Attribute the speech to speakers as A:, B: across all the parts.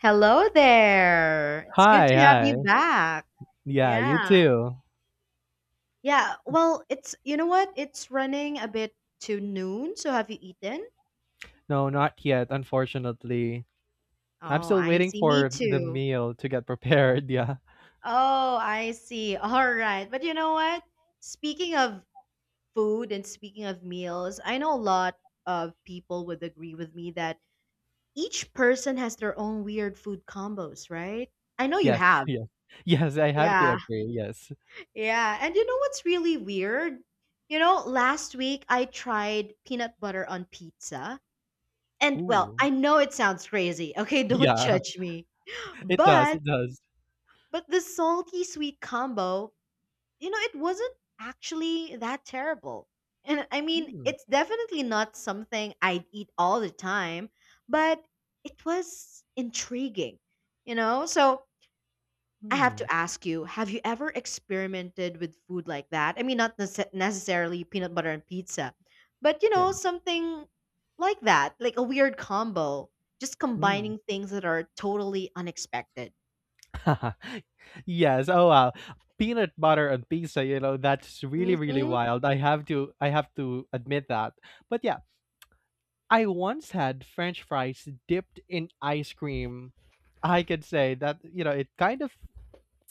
A: Hello there. It's good
B: Hi,
A: to have you
B: hi.
A: back.
B: Yeah, you
A: Yeah.
B: too.
A: Yeah. Well, it's, you know what? It's running a bit to noon. So have you eaten?
B: No, not yet, unfortunately. I'm
A: Oh,
B: still
A: I
B: waiting
A: see. Me
B: for the
A: too.
B: meal to get prepared. Yeah.
A: Oh, I see. All right. But you know what? Speaking of food and speaking of meals, I know a lot of people would agree with me that each person has their own weird food combos, right? I know you
B: Yes,
A: have.
B: yes. Yes, I have to
A: Yeah.
B: agree. Yes.
A: Yeah, and you know what's really weird? You know, last week I tried peanut butter on pizza. And well,
B: Ooh.
A: I know it sounds crazy. Okay, don't
B: Yeah,
A: judge me.
B: it does.
A: But
B: It does.
A: but the salty sweet combo, you know, it wasn't actually that terrible. And I mean,
B: Hmm.
A: it's definitely not something I'd eat all the time, but it was intriguing, you know? So I have
B: Hmm.
A: to ask you, have you ever experimented with food like that? I mean, not nece- necessarily peanut butter and pizza, but you know,
B: Yeah.
A: something like that, like a weird combo, just
B: Hmm.
A: combining things that are totally unexpected.
B: Yes. Oh, wow. Peanut butter on pizza, that's really, really
A: Mhm.
B: wild. I have to admit that. But yeah, I once had French fries dipped in ice cream. I could say that it kind of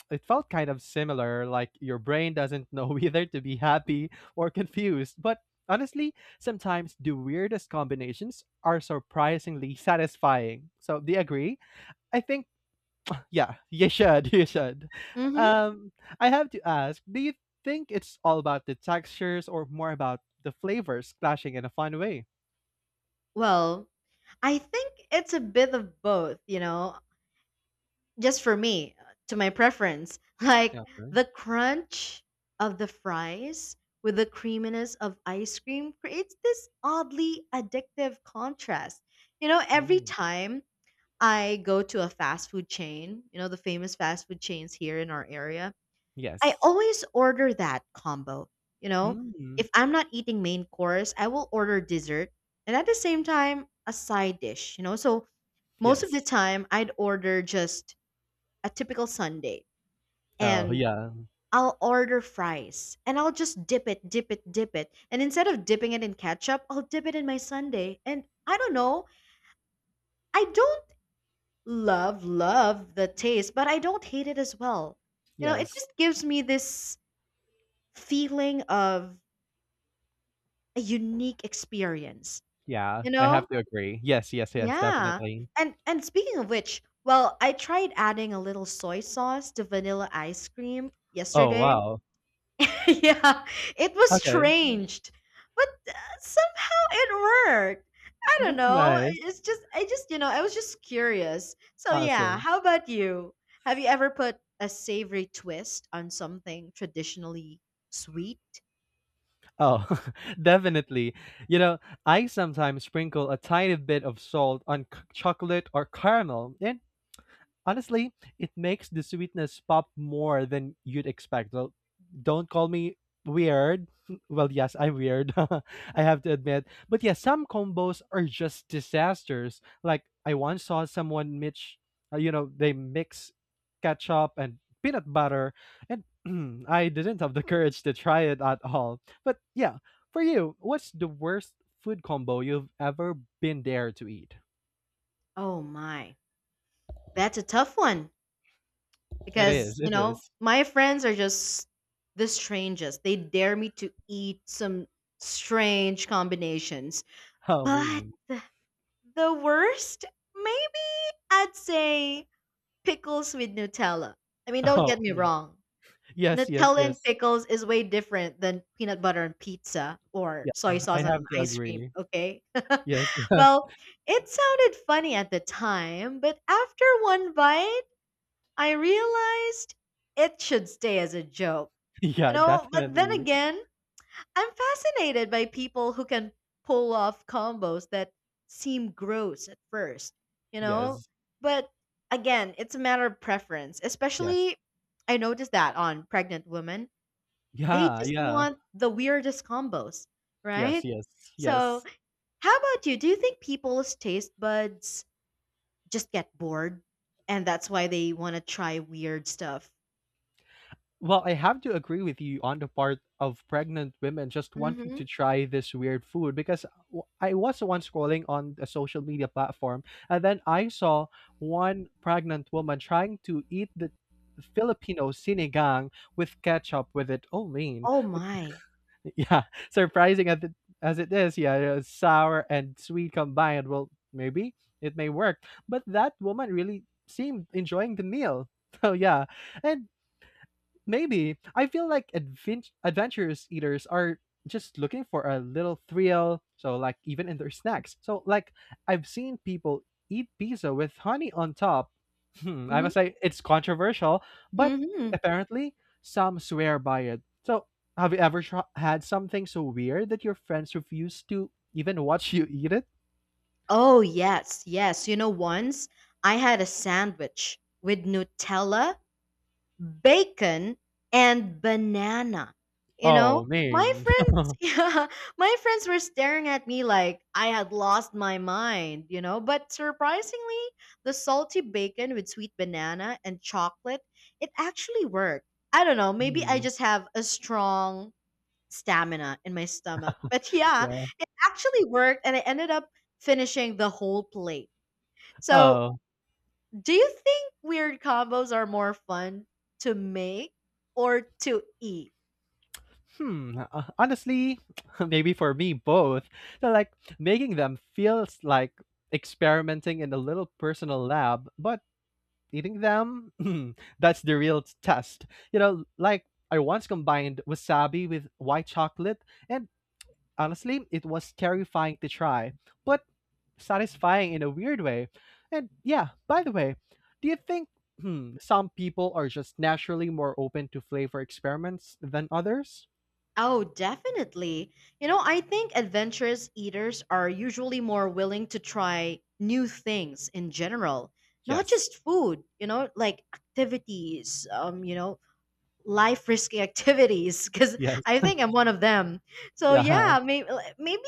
B: it felt kind of similar, like your brain doesn't know whether to be happy or confused. But honestly, sometimes the weirdest combinations are surprisingly satisfying. So do you agree? I think yeah, you should, you should.
A: Mhm.
B: Um, I have to ask, do you think it's all about the textures or more about the flavors clashing in a fun way?
A: Well, I think it's a bit of both, you know, just for me, to my preference, like
B: Yeah.
A: the crunch of the fries with the creaminess of ice cream creates this oddly addictive contrast. You know, every
B: Mm.
A: time I go to a fast food chain, you know, the famous fast food chains here in our area, I
B: Yes.
A: always order that combo. You know,
B: Mm,
A: if I'm not eating main course, I will order dessert and, at the same time, a side dish, you know. So most of the
B: yes.
A: time, I'd order just a typical Sunday,
B: Oh,
A: and
B: yeah.
A: I'll order fries and I'll just dip it. And instead of dipping it in ketchup, I'll dip it in my Sunday. And I don't know, I don't love, love the taste, but I don't hate it as well. You know, it
B: Yes.
A: just gives me this feeling of a unique experience,
B: Yeah,
A: you
B: I
A: know?
B: have to agree. Yes, yes, yes,
A: Yeah.
B: definitely.
A: And speaking of which, well, I tried adding a little soy sauce to vanilla ice cream
B: Oh,
A: yesterday.
B: wow.
A: Yeah, it was
B: Okay.
A: strange, but somehow it worked. I don't
B: That's
A: know.
B: nice.
A: It's just, you know, I was just curious. So, yeah,
B: Awesome.
A: how about you? Have you ever put a savory twist on something traditionally sweet?
B: Oh, definitely. You know, I sometimes sprinkle a tiny bit of salt on c- chocolate or caramel, and honestly, it makes the sweetness pop more than you'd expect. Well, don't call me weird. Well, yes, I'm weird. I have to admit. But yeah, some combos are just disasters. Like I once saw someone Mitch, you know, they mix ketchup and peanut butter and I didn't have the courage to try it at all. But yeah, for you, what's the worst food combo you've ever been there to eat?
A: Oh, my. That's a tough one
B: It
A: because,
B: is.
A: you
B: It
A: know,
B: is.
A: my friends are just the strangest. They dare me to eat some strange combinations.
B: How
A: But
B: mean.
A: the worst, maybe. I'd say pickles with Nutella. I mean, don't get me
B: Oh,
A: wrong.
B: yes, yes,
A: Nutella and
B: yes.
A: pickles is way different than peanut butter and pizza or
B: Yeah,
A: soy sauce
B: I
A: and
B: have to
A: ice cream,
B: agree.
A: okay?
B: Yes, yes.
A: Well, it sounded funny at the time, but after one bite, I realized it should stay as a joke. You
B: Yeah,
A: know, but then
B: definitely.
A: again, I'm fascinated by people who can pull off combos that seem gross at first, you know?
B: Yes,
A: But again, it's a matter of preference.
B: yes.
A: Especially, I noticed that on pregnant women. They
B: Yeah,
A: just
B: yeah.
A: want the weirdest combos, right?
B: Yes, yes,
A: So,
B: yes.
A: how about you? Do you think people's taste buds just get bored and that's why they want to try weird stuff?
B: Well, I have to agree with you on the part of pregnant women just wanting
A: Hmm.
B: to try this weird food because w- I was once scrolling on a social media platform and then I saw one pregnant woman trying to eat the Filipino sinigang with ketchup with it. Oh, man.
A: Oh my.
B: Yeah, surprising as it is, yeah, sour and sweet combined. Well, maybe it may work, but that woman really seemed enjoying the meal. So yeah, and maybe I feel like advent- adventurous eaters are just looking for a little thrill. So like even in their snacks. So like I've seen people eat pizza with honey on top. Hmm, I
A: Hmm.
B: must say it's controversial, but
A: Hmm.
B: apparently some swear by it. So, have you ever tr- had something so weird that your friends refuse to even watch you eat it?
A: Oh, yes, yes. You know, once I had a sandwich with Nutella, bacon, and banana. You know,
B: Oh,
A: my
B: man.
A: friends, yeah, my friends were staring at me like I had lost my mind, you know. But surprisingly, the salty bacon with sweet banana and chocolate, it actually worked. I don't know, maybe I
B: Mm,
A: just have a strong stamina in my stomach. But yeah,
B: yeah.
A: it actually worked and I ended up finishing the whole plate. So,
B: Oh,
A: do you think weird combos are more fun to make or to eat?
B: honestly, maybe for me, both. So, like, making them feels like experimenting in a little personal lab, but eating them, that's the real test. You know, like, I once combined wasabi with white chocolate, and honestly, it was terrifying to try, but satisfying in a weird way. And yeah, by the way, do you think some people are just naturally more open to flavor experiments than others?
A: Oh, definitely. You know, I think adventurous eaters are usually more willing to try new things in general, not
B: Yes.
A: just food, you know, like activities, you know, life risky activities because
B: Yes.
A: I think I'm one of them. So
B: Yeah.
A: yeah, maybe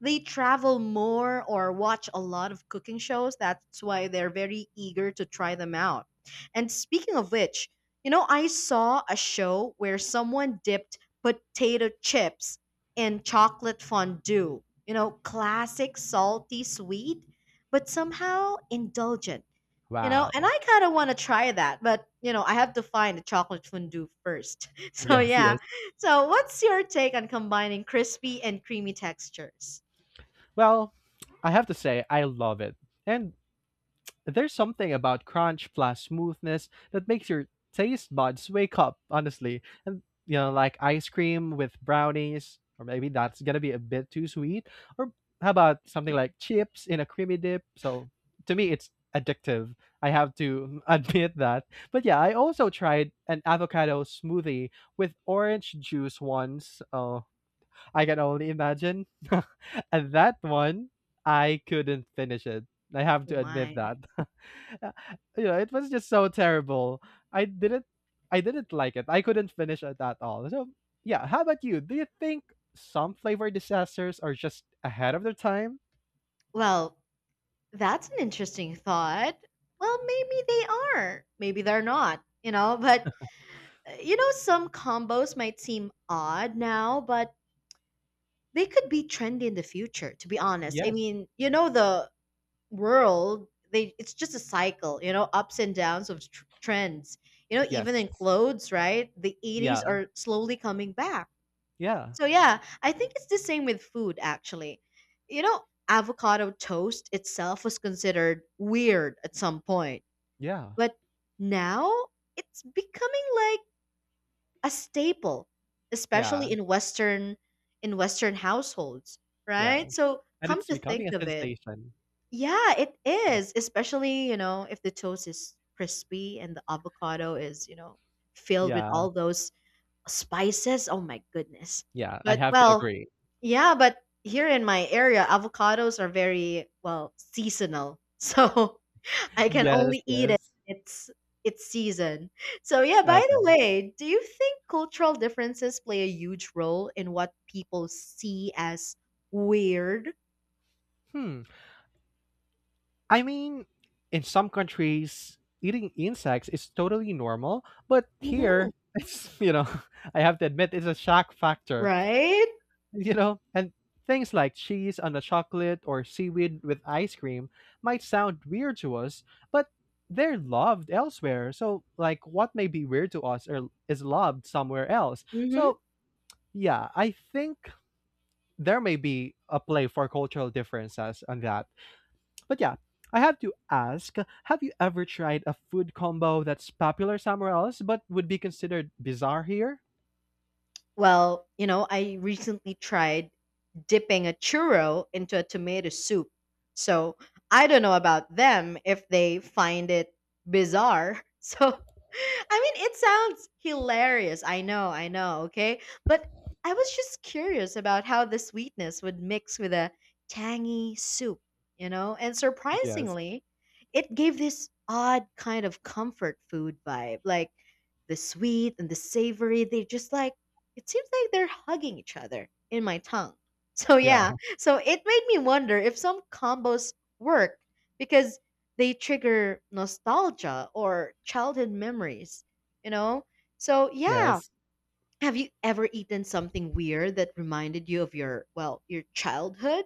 A: they travel more or watch a lot of cooking shows. That's why they're very eager to try them out. And speaking of which, you know, I saw a show where someone dipped potato chips in chocolate fondue. You know, classic, salty, sweet, but somehow indulgent. You know, and
B: Wow.
A: I kind of want to try that, but you know, I have to find a chocolate fondue first. So,
B: Yes,
A: yeah.
B: yes.
A: So, what's your take on combining crispy and creamy textures?
B: Well, I have to say, I love it. And there's something about crunch plus smoothness that makes your taste buds wake up, honestly. And you know, like ice cream with brownies, or maybe that's gonna be a bit too sweet. Or how about something like chips in a creamy dip? So to me, it's addictive. I have to admit that. But yeah, I also tried an avocado smoothie with orange juice once. I can only imagine. And that one, I couldn't finish it. I have
A: Oh
B: to admit
A: my.
B: that. Uh, you know, it was just so terrible. I didn't I didn't like it. I couldn't finish it at all. So yeah, how about you? Do you think some flavor disasters are just ahead of their time?
A: Well, that's an interesting thought. Well, maybe they are. Maybe they're not, you know, but you know, some combos might seem odd now, but they could be trendy in the future, to be honest. I
B: Yes.
A: mean, you know, the world, they it's just a cycle, you know, ups and downs of trends, you know,
B: Yes.
A: even in clothes, right? The 80s
B: Yeah.
A: are slowly coming back,
B: Yeah.
A: so yeah, I think it's the same with food actually. You know, avocado toast itself was considered weird at some point,
B: Yeah.
A: but now it's becoming like a staple, especially
B: Yeah.
A: in western, in western households,
B: Yeah,
A: right? So
B: and
A: come
B: it's
A: to think
B: becoming a
A: of it,
B: sensation.
A: yeah, it
B: Yes.
A: is, especially, you know, if the toast is crispy and the avocado is, you know, filled with
B: Yeah,
A: all those spices. Oh my goodness.
B: yeah, I
A: But
B: have to
A: well,
B: agree.
A: yeah, but here in my area, avocados are very, well, seasonal. So I can
B: Yes,
A: only eat it.
B: yes.
A: It's season. So yeah, by the
B: Okay.
A: way, do you think cultural differences play a huge role in what people see as weird?
B: Hmm. I mean, in some countries, eating insects is totally normal, but
A: Mhm.
B: here, it's, I have to admit, it's a shock factor,
A: Right?
B: you know, and things like cheese on a chocolate or seaweed with ice cream might sound weird to us, but they're loved elsewhere. So, like, what may be weird to us or is loved somewhere else.
A: Mm-hmm.
B: So, yeah, I think there may be a play for cultural differences on that. But yeah, I have to ask, have you ever tried a food combo that's popular somewhere else but would be considered bizarre here?
A: Well, you know, I recently tried dipping a churro into a tomato soup. So I don't know about them if they find it bizarre. So, I mean, it sounds hilarious. I know, okay? But I was just curious about how the sweetness would mix with a tangy soup, you know? And
B: Yes.
A: surprisingly, it gave this odd kind of comfort food vibe. Like the sweet and the savory, they just like, it seems like they're hugging each other in my tongue. So yeah,
B: Yeah.
A: so it made me wonder if some combos work because they trigger nostalgia or childhood memories, you know? So yeah,
B: Yes.
A: have you ever eaten something weird that reminded you of your, well, your childhood?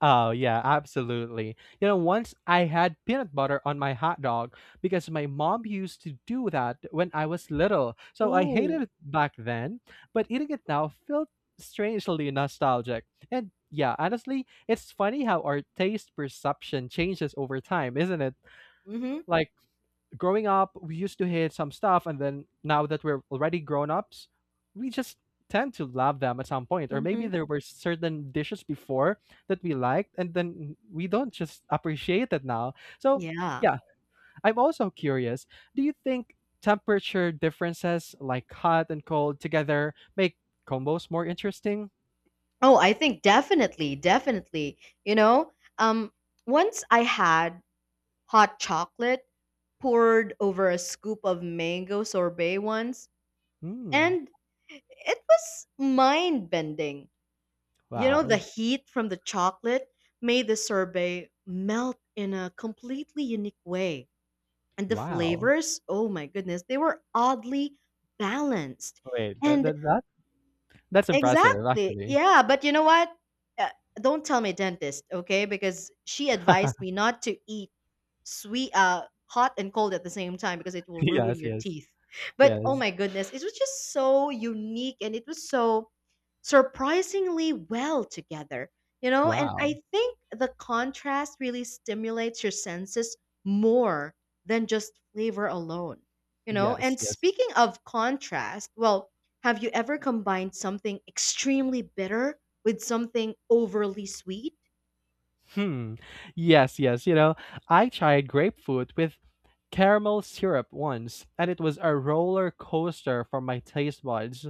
B: Oh yeah, absolutely. You know, once I had peanut butter on my hot dog because my mom used to do that when I was little. So I
A: Ooh.
B: hated it back then, but eating it now felt strangely nostalgic. And yeah, honestly, it's funny how our taste perception changes over time, isn't it?
A: Mhm.
B: Like growing up, we used to hate some stuff, and then now that we're already grown ups, we just tend to love them at some point. Or maybe
A: Mhm.
B: there were certain dishes before that we liked, and then we don't just appreciate it now. So,
A: Yeah.
B: yeah, I'm also curious, do you think temperature differences like hot and cold together make combos more interesting?
A: Oh, I think definitely, definitely. You know, um once I had hot chocolate poured over a scoop of mango sorbet once,
B: Hmm.
A: and it was mind bending. You know, the
B: Wow.
A: heat from the chocolate made the sorbet melt in a completely unique way. And the
B: Wow.
A: flavors, oh my goodness, they were oddly balanced.
B: Wait, that,
A: And
B: that, that that's impressive
A: exactly.
B: actually.
A: Yeah, but you know what? Uh, don't tell me, dentist, okay? Because she advised me not to eat sweet, hot and cold at the same time because it will ruin
B: Yes,
A: your
B: yes.
A: teeth. But oh
B: Yes.
A: my goodness, it was just so unique and it was so surprisingly well together, you know? And
B: Wow.
A: I think the contrast really stimulates your senses more than just flavor alone, you know?
B: Yes,
A: And
B: yes.
A: speaking of contrast, well, have you ever combined something extremely bitter with something overly sweet?
B: Hmm. Yes, yes. You know, I tried grapefruit with caramel syrup once, and it was a roller coaster for my taste buds.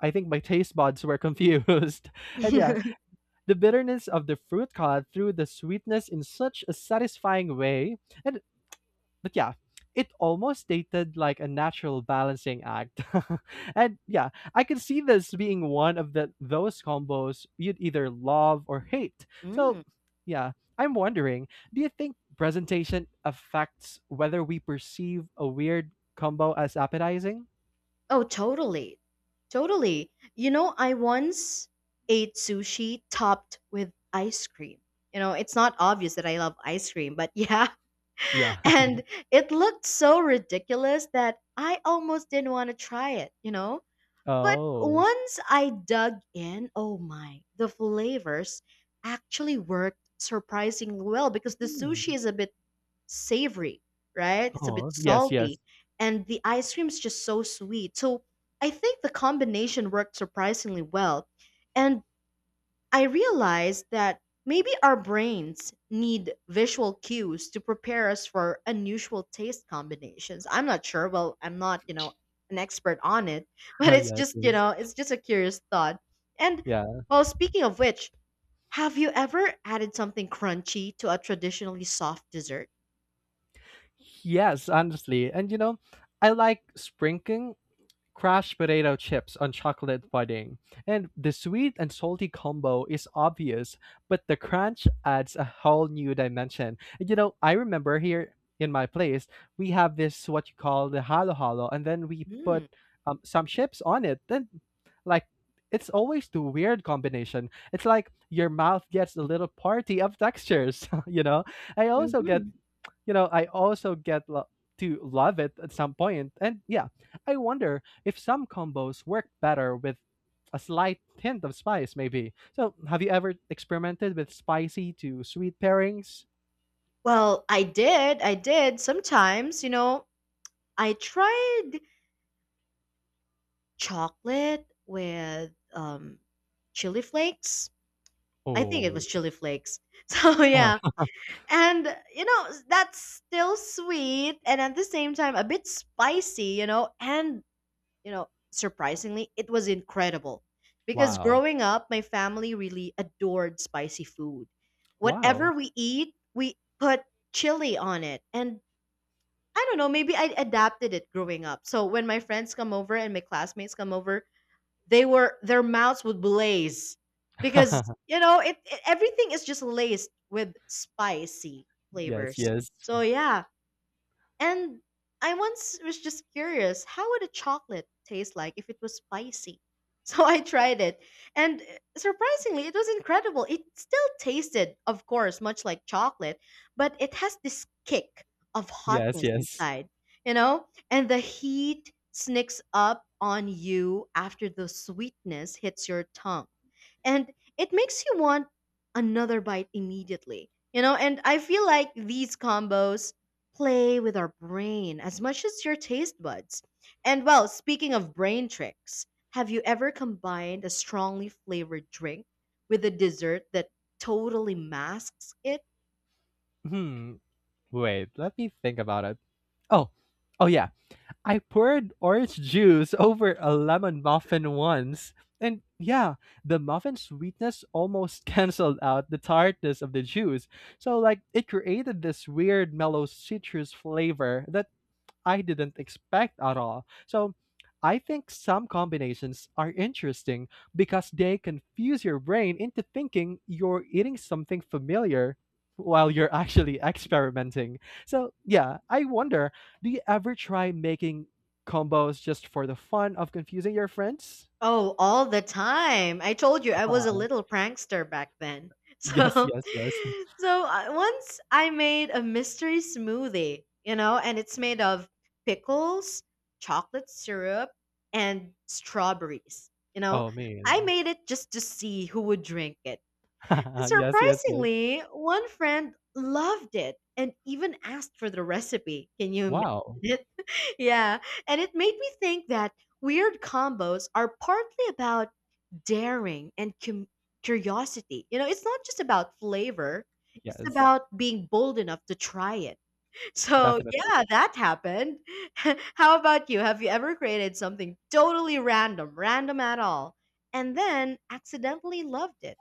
B: I think my taste buds were confused. And yeah, the bitterness of the fruit cut through the sweetness in such a satisfying way. And but yeah, it almost dated like a natural balancing act. And yeah, I can see this being one of the those combos you'd either love or hate. So
A: Mm.
B: yeah, I'm wondering, do you think presentation affects whether we perceive a weird combo as appetizing?
A: Oh, totally. Totally. You know, I once ate sushi topped with ice cream. You know, it's not obvious that I love ice cream, but yeah.
B: Yeah.
A: And it looked so ridiculous that I almost didn't want to try it, you know? But
B: Oh.
A: once I dug in, oh my, the flavors actually worked surprisingly well because the
B: Hmm.
A: sushi is a bit savory, right? It's a bit
B: Oh, yes, yes.
A: salty, and the ice cream is just so sweet. So I think the combination worked surprisingly well. And I realized that maybe our brains need visual cues to prepare us for unusual taste combinations. I'm not sure. Well, I'm not, you know, an expert on it, but it's
B: Yes,
A: just, you
B: yes.
A: know, it's just a curious thought. And
B: Yeah.
A: well, speaking of which, have you ever added something crunchy to a traditionally soft dessert?
B: Yes, honestly. And you know, I like sprinkling crushed potato chips on chocolate pudding. And the sweet and salty combo is obvious, but the crunch adds a whole new dimension. And you know, I remember here in my place, we have this what you call the halo halo, and then we put
A: Mm.
B: some chips on it. Then, like, it's always the weird combination. It's like your mouth gets a little party of textures, you know? I also get
A: Hmm.
B: you know, I also get lo- to love it at some point. And yeah, I wonder if some combos work better with a slight hint of spice, maybe. So, have you ever experimented with spicy to sweet pairings?
A: Well, I did. I did. Sometimes, you know, I tried chocolate with chili flakes. I think it
B: Oh,
A: was chili flakes. So yeah.
B: ah,
A: And you know, that's still sweet and at the same time a bit spicy, you know, and you know, surprisingly, it was incredible. Because
B: wow.
A: growing up, my family really adored spicy food. Whatever
B: Wow.
A: we eat, we put chili on it. And I don't know, maybe I adapted it growing up. So when my friends come over and my classmates come over, they were their mouths would blaze because, you know, everything is just laced with spicy
B: Yes,
A: flavors.
B: yes.
A: So yeah, and I once was just curious, how would a chocolate taste like if it was spicy? So I tried it, and surprisingly, it was incredible. It still tasted, of course, much like chocolate, but it has this kick of
B: Yes,
A: hotness
B: yes.
A: inside, you know? And the heat sneaks up on you after the sweetness hits your tongue and it makes you want another bite immediately. You know, and I feel like these combos play with our brain as much as your taste buds. And well, speaking of brain tricks, have you ever combined a strongly flavored drink with a dessert that totally masks it?
B: Hmm. Wait, let me think about it. Oh, oh, yeah. I poured orange juice over a lemon muffin once, and yeah, the muffin's sweetness almost canceled out the tartness of the juice. So, like, it created this weird, mellow citrus flavor that I didn't expect at all. So I think some combinations are interesting because they confuse your brain into thinking you're eating something familiar while you're actually experimenting. So, yeah, I wonder, do you ever try making combos just for the fun of confusing your friends?
A: Oh, all the time. I told you I was a
B: Uh,
A: little prankster back then.
B: yes,
A: So,
B: yes, yes.
A: so, once I made a mystery smoothie, and it's made of pickles, chocolate syrup, and strawberries.
B: Oh,
A: I
B: man.
A: made it just to see who would drink it. And
B: Yes, yes, yes.
A: surprisingly, one friend loved it and even asked for the recipe. Can you imagine
B: Wow.
A: it? Yeah, and it made me think that weird combos are partly about daring and curiosity. It's not just about flavor, it's
B: Yes,
A: about being bold enough to try it. So,
B: definitely.
A: yeah, that happened. How about you? Have you ever created something totally random, random at all, and then accidentally loved it?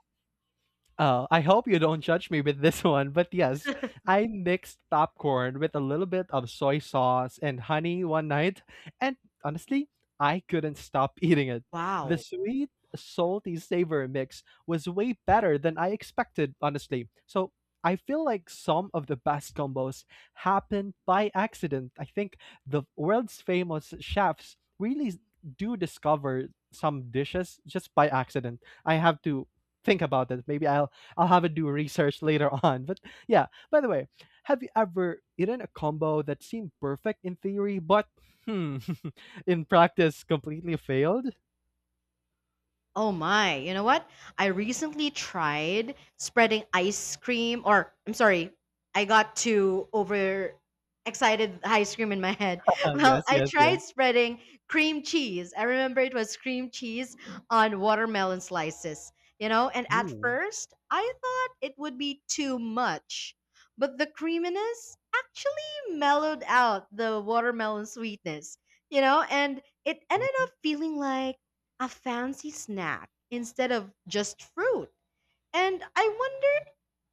B: Oh, I hope you don't judge me with this one, but yes, I mixed popcorn with a little bit of soy sauce and honey one night, and honestly, I couldn't stop eating it. The
A: Wow.
B: sweet, salty savor mix was way better than I expected, honestly. So I feel like some of the best combos happen by accident. I think the world's famous chefs really s- do discover some dishes just by accident. I have to think about it. Maybe I'll have to do research later on. But yeah, by the way, have you ever eaten a combo that seemed perfect in theory, but hmm, in practice completely failed?
A: Oh my, you know what? I recently tried spreading ice cream, or I'm sorry, I got too over excited ice cream in my head. Well,
B: Yes,
A: I
B: yes,
A: tried
B: yes.
A: spreading cream cheese. I remember it was cream cheese on watermelon slices, and at
B: Ooh.
A: first I thought it would be too much, but the creaminess actually mellowed out the watermelon sweetness, and it ended up
B: Mhm,
A: feeling like a fancy snack instead of just fruit. And I wonder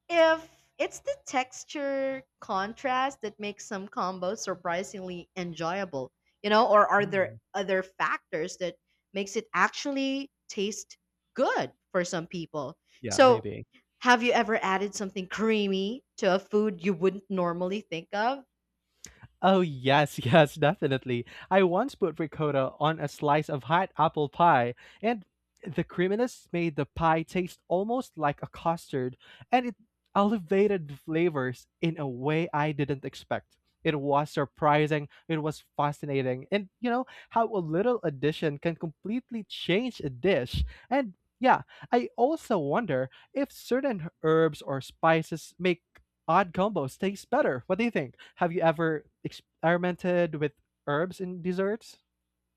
A: if it's the texture contrast that makes some combos surprisingly enjoyable, or are there
B: mm.
A: other factors that makes it actually taste good for some people?
B: Yeah,
A: So,
B: maybe.
A: have you ever added something creamy to a food you wouldn't normally think of?
B: Oh, yes, yes, definitely. I once put ricotta on a slice of hot apple pie, and the creaminess made the pie taste almost like a custard, and it elevated the flavors in a way I didn't expect. It was surprising, it was fascinating, and you know how a little addition can completely change a dish. And yeah, I also wonder if certain herbs or spices make odd combos taste better. What do you think? Have you ever experimented with herbs in desserts?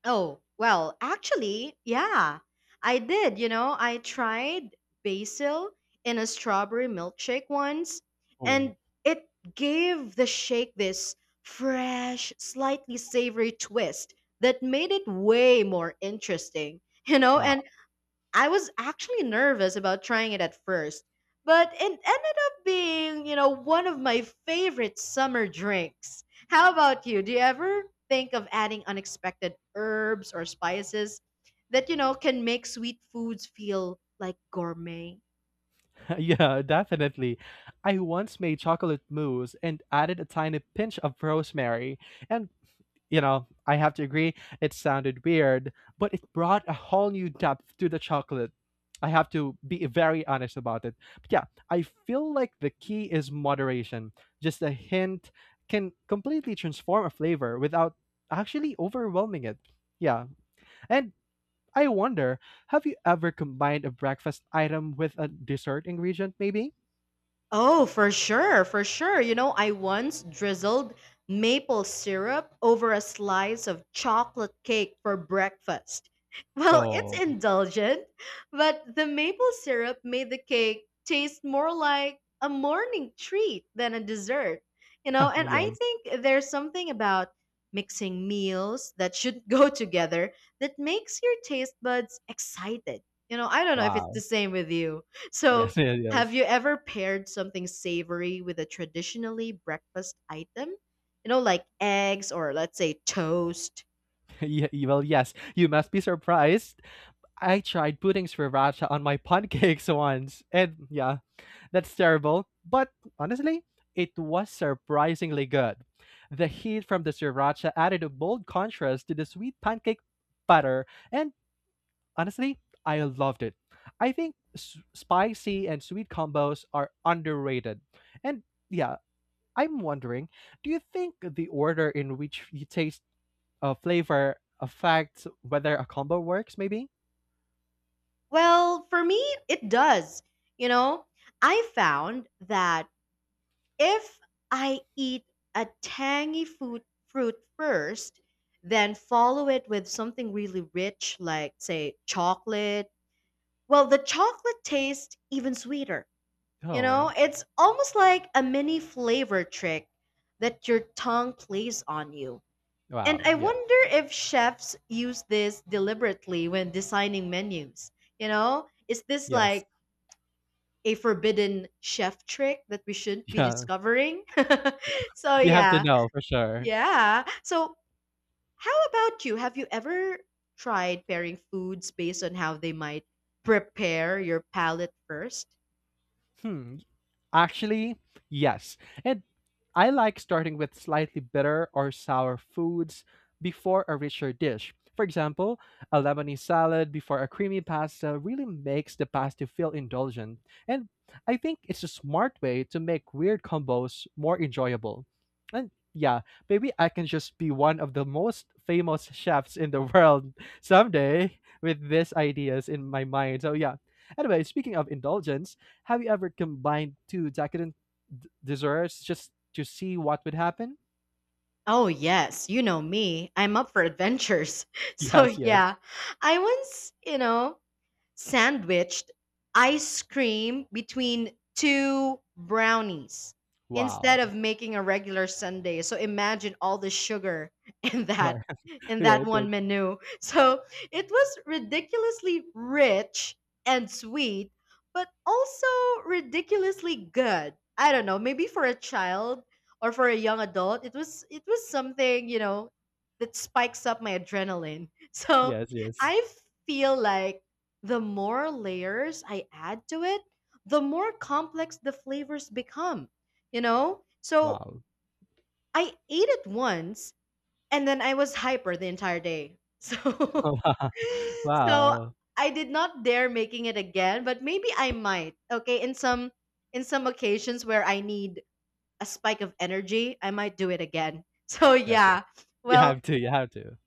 A: Oh, well, actually, yeah. I did, I tried basil in a strawberry milkshake once,
B: Oh,
A: and it gave the shake this fresh, slightly savory twist that made it way more interesting,
B: wow.
A: and I was actually nervous about trying it at first, but it ended up being, one of my favorite summer drinks. How about you? Do you ever think of adding unexpected herbs or spices that, can make sweet foods feel like gourmet?
B: Yeah, definitely. I once made chocolate mousse and added a tiny pinch of rosemary, and you know, I have to agree, it sounded weird, but it brought a whole new depth to the chocolate. I have to be very honest about it. But yeah, I feel like the key is moderation. Just a hint can completely transform a flavor without actually overwhelming it. Yeah. And I wonder, have you ever combined a breakfast item with a dessert ingredient, maybe?
A: Oh, for sure, for sure. You know, I once drizzled maple syrup over a slice of chocolate cake for breakfast. Well, it's
B: Oh,
A: indulgent, but the maple syrup made the cake taste more like a morning treat than a dessert. You know, and I
B: yes.
A: think there's something about mixing meals that should go together that makes your taste buds excited. You know, I don't know if it's the
B: Wow.
A: same with you. So,
B: Yes, yes,
A: have
B: yes.
A: you ever paired something savory with a traditionally breakfast item? You know, like eggs or let's say toast?
B: Ye- well, yes, you must be surprised. I tried putting sriracha on my pancakes once, and yeah, that's terrible. But honestly, it was surprisingly good. The heat from the sriracha added a bold contrast to the sweet pancake batter, and honestly, I loved it. I think s- spicy and sweet combos are underrated. And yeah, I'm wondering, do you think the order in which you taste flavor affects whether a combo works, maybe?
A: Well, for me, it does. You know, I found that if I eat a tangy food, fruit first, then follow it with something really rich, like, say, chocolate, well, the chocolate tastes even sweeter. You know,
B: Oh,
A: it's almost like a mini flavor trick that your tongue plays on you. And
B: wow.
A: I
B: Yes.
A: wonder if chefs use this deliberately when designing menus. You know, is this
B: Yes.
A: like a forbidden chef trick that we shouldn't be discovering?
B: Yeah.
A: So,
B: You have to
A: yeah.
B: know for sure.
A: Yeah. So, how about you? Have you ever tried pairing foods based on how they might prepare your palate first?
B: Hmm. Actually, yes. And I like starting with slightly bitter or sour foods before a richer dish. For example, a Lebanese salad before a creamy pasta really makes the pasta feel indulgent. And I think it's a smart way to make weird combos more enjoyable. And yeah, maybe I can just be one of the most famous chefs in the world someday with these ideas in my mind. So yeah. Anyway, speaking of indulgence, have you ever combined two decadent d- desserts just to see what would happen?
A: Oh, yes. You know me. I'm up for adventures. So,
B: Yes, yes.
A: yeah, I once, sandwiched ice cream between two brownies instead
B: Wow.
A: of making a regular sundae. So imagine all the sugar in that
B: Why-
A: in
B: yeah,
A: that
B: it
A: one
B: did.
A: menu. So it was ridiculously rich and sweet, but also ridiculously good. I don't know, maybe for a child or for a young adult, it was something, that spikes up my adrenaline. So
B: Yes,
A: I
B: yes.
A: feel like the more layers I add to it, the more complex the flavors become, you know? So
B: Wow.
A: I ate it once and then I was hyper the entire day. So so
B: Wow.
A: I did not dare making it again, but maybe I might. Okay, in some occasions where I need a spike of energy, I might do it again. So
B: Yes, yeah.
A: yeah.
B: You
A: Well,
B: have to, you have to.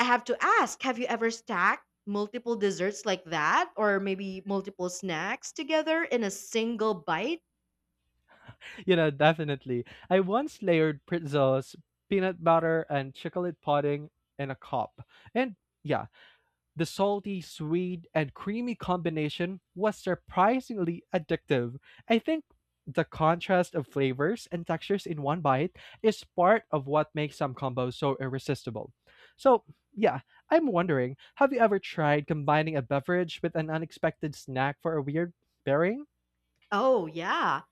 A: I have to ask, have you ever stacked multiple desserts like that or maybe multiple snacks together in a single bite?
B: You know, definitely. I once layered pretzels, peanut butter, and chocolate pudding in a cup. And yeah, the salty, sweet, and creamy combination was surprisingly addictive. I think the contrast of flavors and textures in one bite is part of what makes some combos so irresistible. So, yeah, I'm wondering, have you ever tried combining a beverage with an unexpected snack for a weird pairing?
A: Oh, yeah.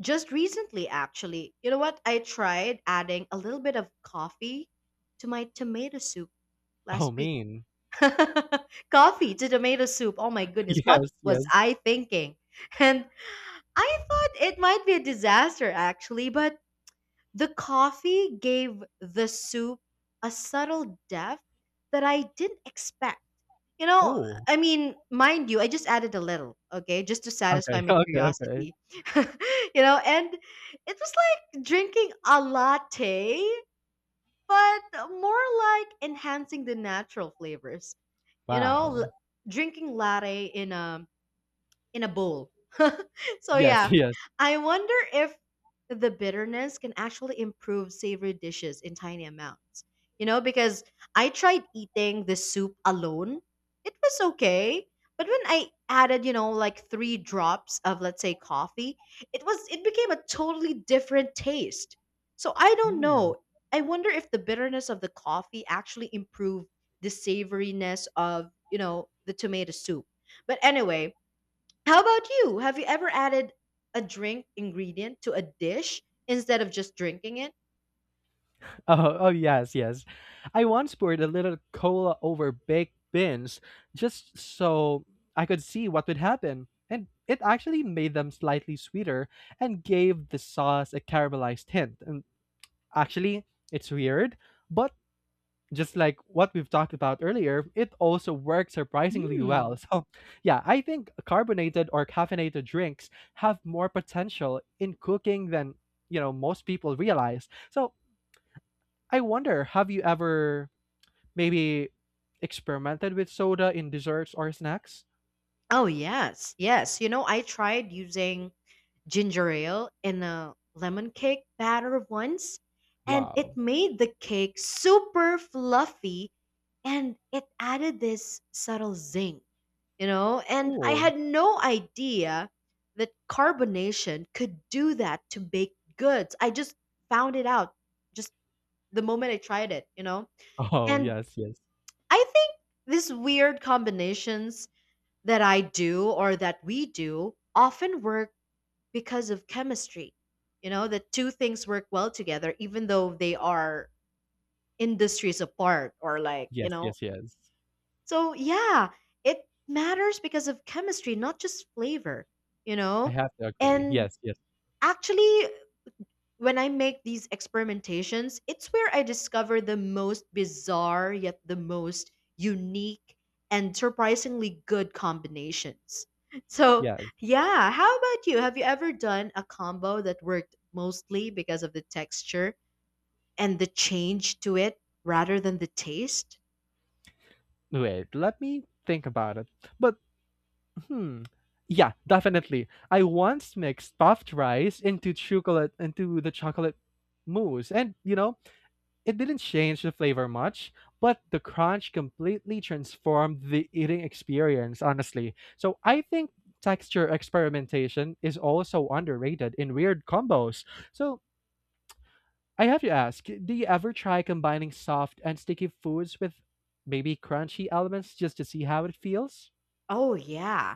A: Just recently, actually. You know what? I tried adding a little bit of coffee to my tomato soup
B: Oh,
A: last week.
B: mean.
A: Coffee to tomato soup. Oh, my goodness. What
B: Yes,
A: was
B: yes.
A: I thinking? And I thought it might be a disaster, actually, but the coffee gave the soup a subtle depth that I didn't expect. You know,
B: Oh,
A: I mean, mind you, I just added a little, okay, just to satisfy
B: okay,
A: my
B: okay, okay.
A: curiosity. You know, and it was like drinking a latte, but more like enhancing the natural flavors. You know,
B: Wow.
A: drinking latte in a bowl. So
B: Yes,
A: yeah,
B: yes.
A: I wonder if the bitterness can actually improve savory dishes in tiny amounts. You know, because I tried eating the soup alone. It was okay, but when I added, like 3 drops of let's say coffee, it became a totally different taste. So I don't
B: Hmm.
A: know. I wonder if the bitterness of the coffee actually improved the savoriness of, the tomato soup. But anyway, how about you? Have you ever added a drink ingredient to a dish instead of just drinking it?
B: Oh, oh yes, yes. I once poured a little cola over baked beans just so I could see what would happen. And it actually made them slightly sweeter and gave the sauce a caramelized hint. And actually, it's weird, but just like what we've talked about earlier, it also works surprisingly well.
A: Mm.
B: So, yeah, I think carbonated or caffeinated drinks have more potential in cooking than, you know, most people realize. So, I wonder, have you ever maybe experimented with soda in desserts or snacks?
A: Oh, yes. Yes. You know, I tried using ginger ale in a lemon cake batter once, and it
B: Wow,
A: made the cake super fluffy and it added this subtle zing, you know? And I
B: cool.
A: had no idea that carbonation could do that to baked goods. I just found it out just the moment I tried it, you know?
B: Oh,
A: And
B: yes, yes.
A: I think these weird combinations that I do or that we do often work because of chemistry. You know, the two things work well together, even though they are industries apart or like, you
B: Yes,
A: know.
B: yes, yes.
A: So, yeah, it matters because of chemistry, not just flavor, you
B: I
A: know?
B: have to agree.
A: And
B: Yes, yes,
A: actually, when I make these experimentations, it's where I discover the most bizarre yet the most unique and surprisingly good combinations. So,
B: yes.
A: yeah, how about you? Have you ever done a combo that worked mostly because of the texture and the change to it rather than the taste?
B: Wait, let me think about it. But, hmm. Yeah, definitely. I once mixed puffed rice into chocolate into the chocolate mousse and you know it didn't change the flavor much, but the crunch completely transformed the eating experience, honestly. So I think texture experimentation is also underrated in weird combos. So I have to ask, do you ever try combining soft and sticky foods with maybe crunchy elements just to see how it feels?
A: Oh, yeah.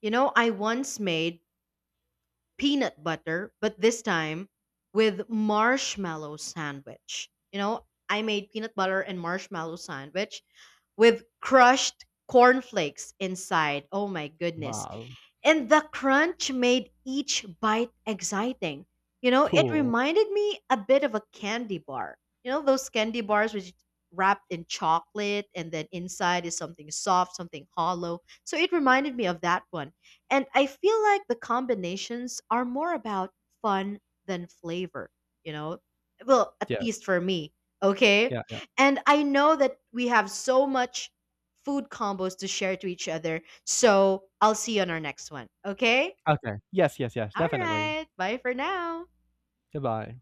A: You know, I once made peanut butter, but this time with marshmallow sandwich. You know, I made peanut butter and marshmallow sandwich, with crushed cornflakes inside. Oh my goodness.
B: Wow.
A: And the crunch made each bite exciting. You know, it
B: Cool.
A: reminded me a bit of a candy bar. You know, those candy bars which wrapped in chocolate and then inside is something soft, something hollow. So it reminded me of that one. And I feel like the combinations are more about fun than flavor, you know? Well, at
B: Yes.
A: least for me. Okay.
B: Yeah.
A: And I know that we have so much food combos to share to each other. So I'll see you on our next one. Okay?
B: Yeah. Okay. Yes, yes, yes.
A: All
B: Definitely.
A: right. Bye for now.
B: Goodbye.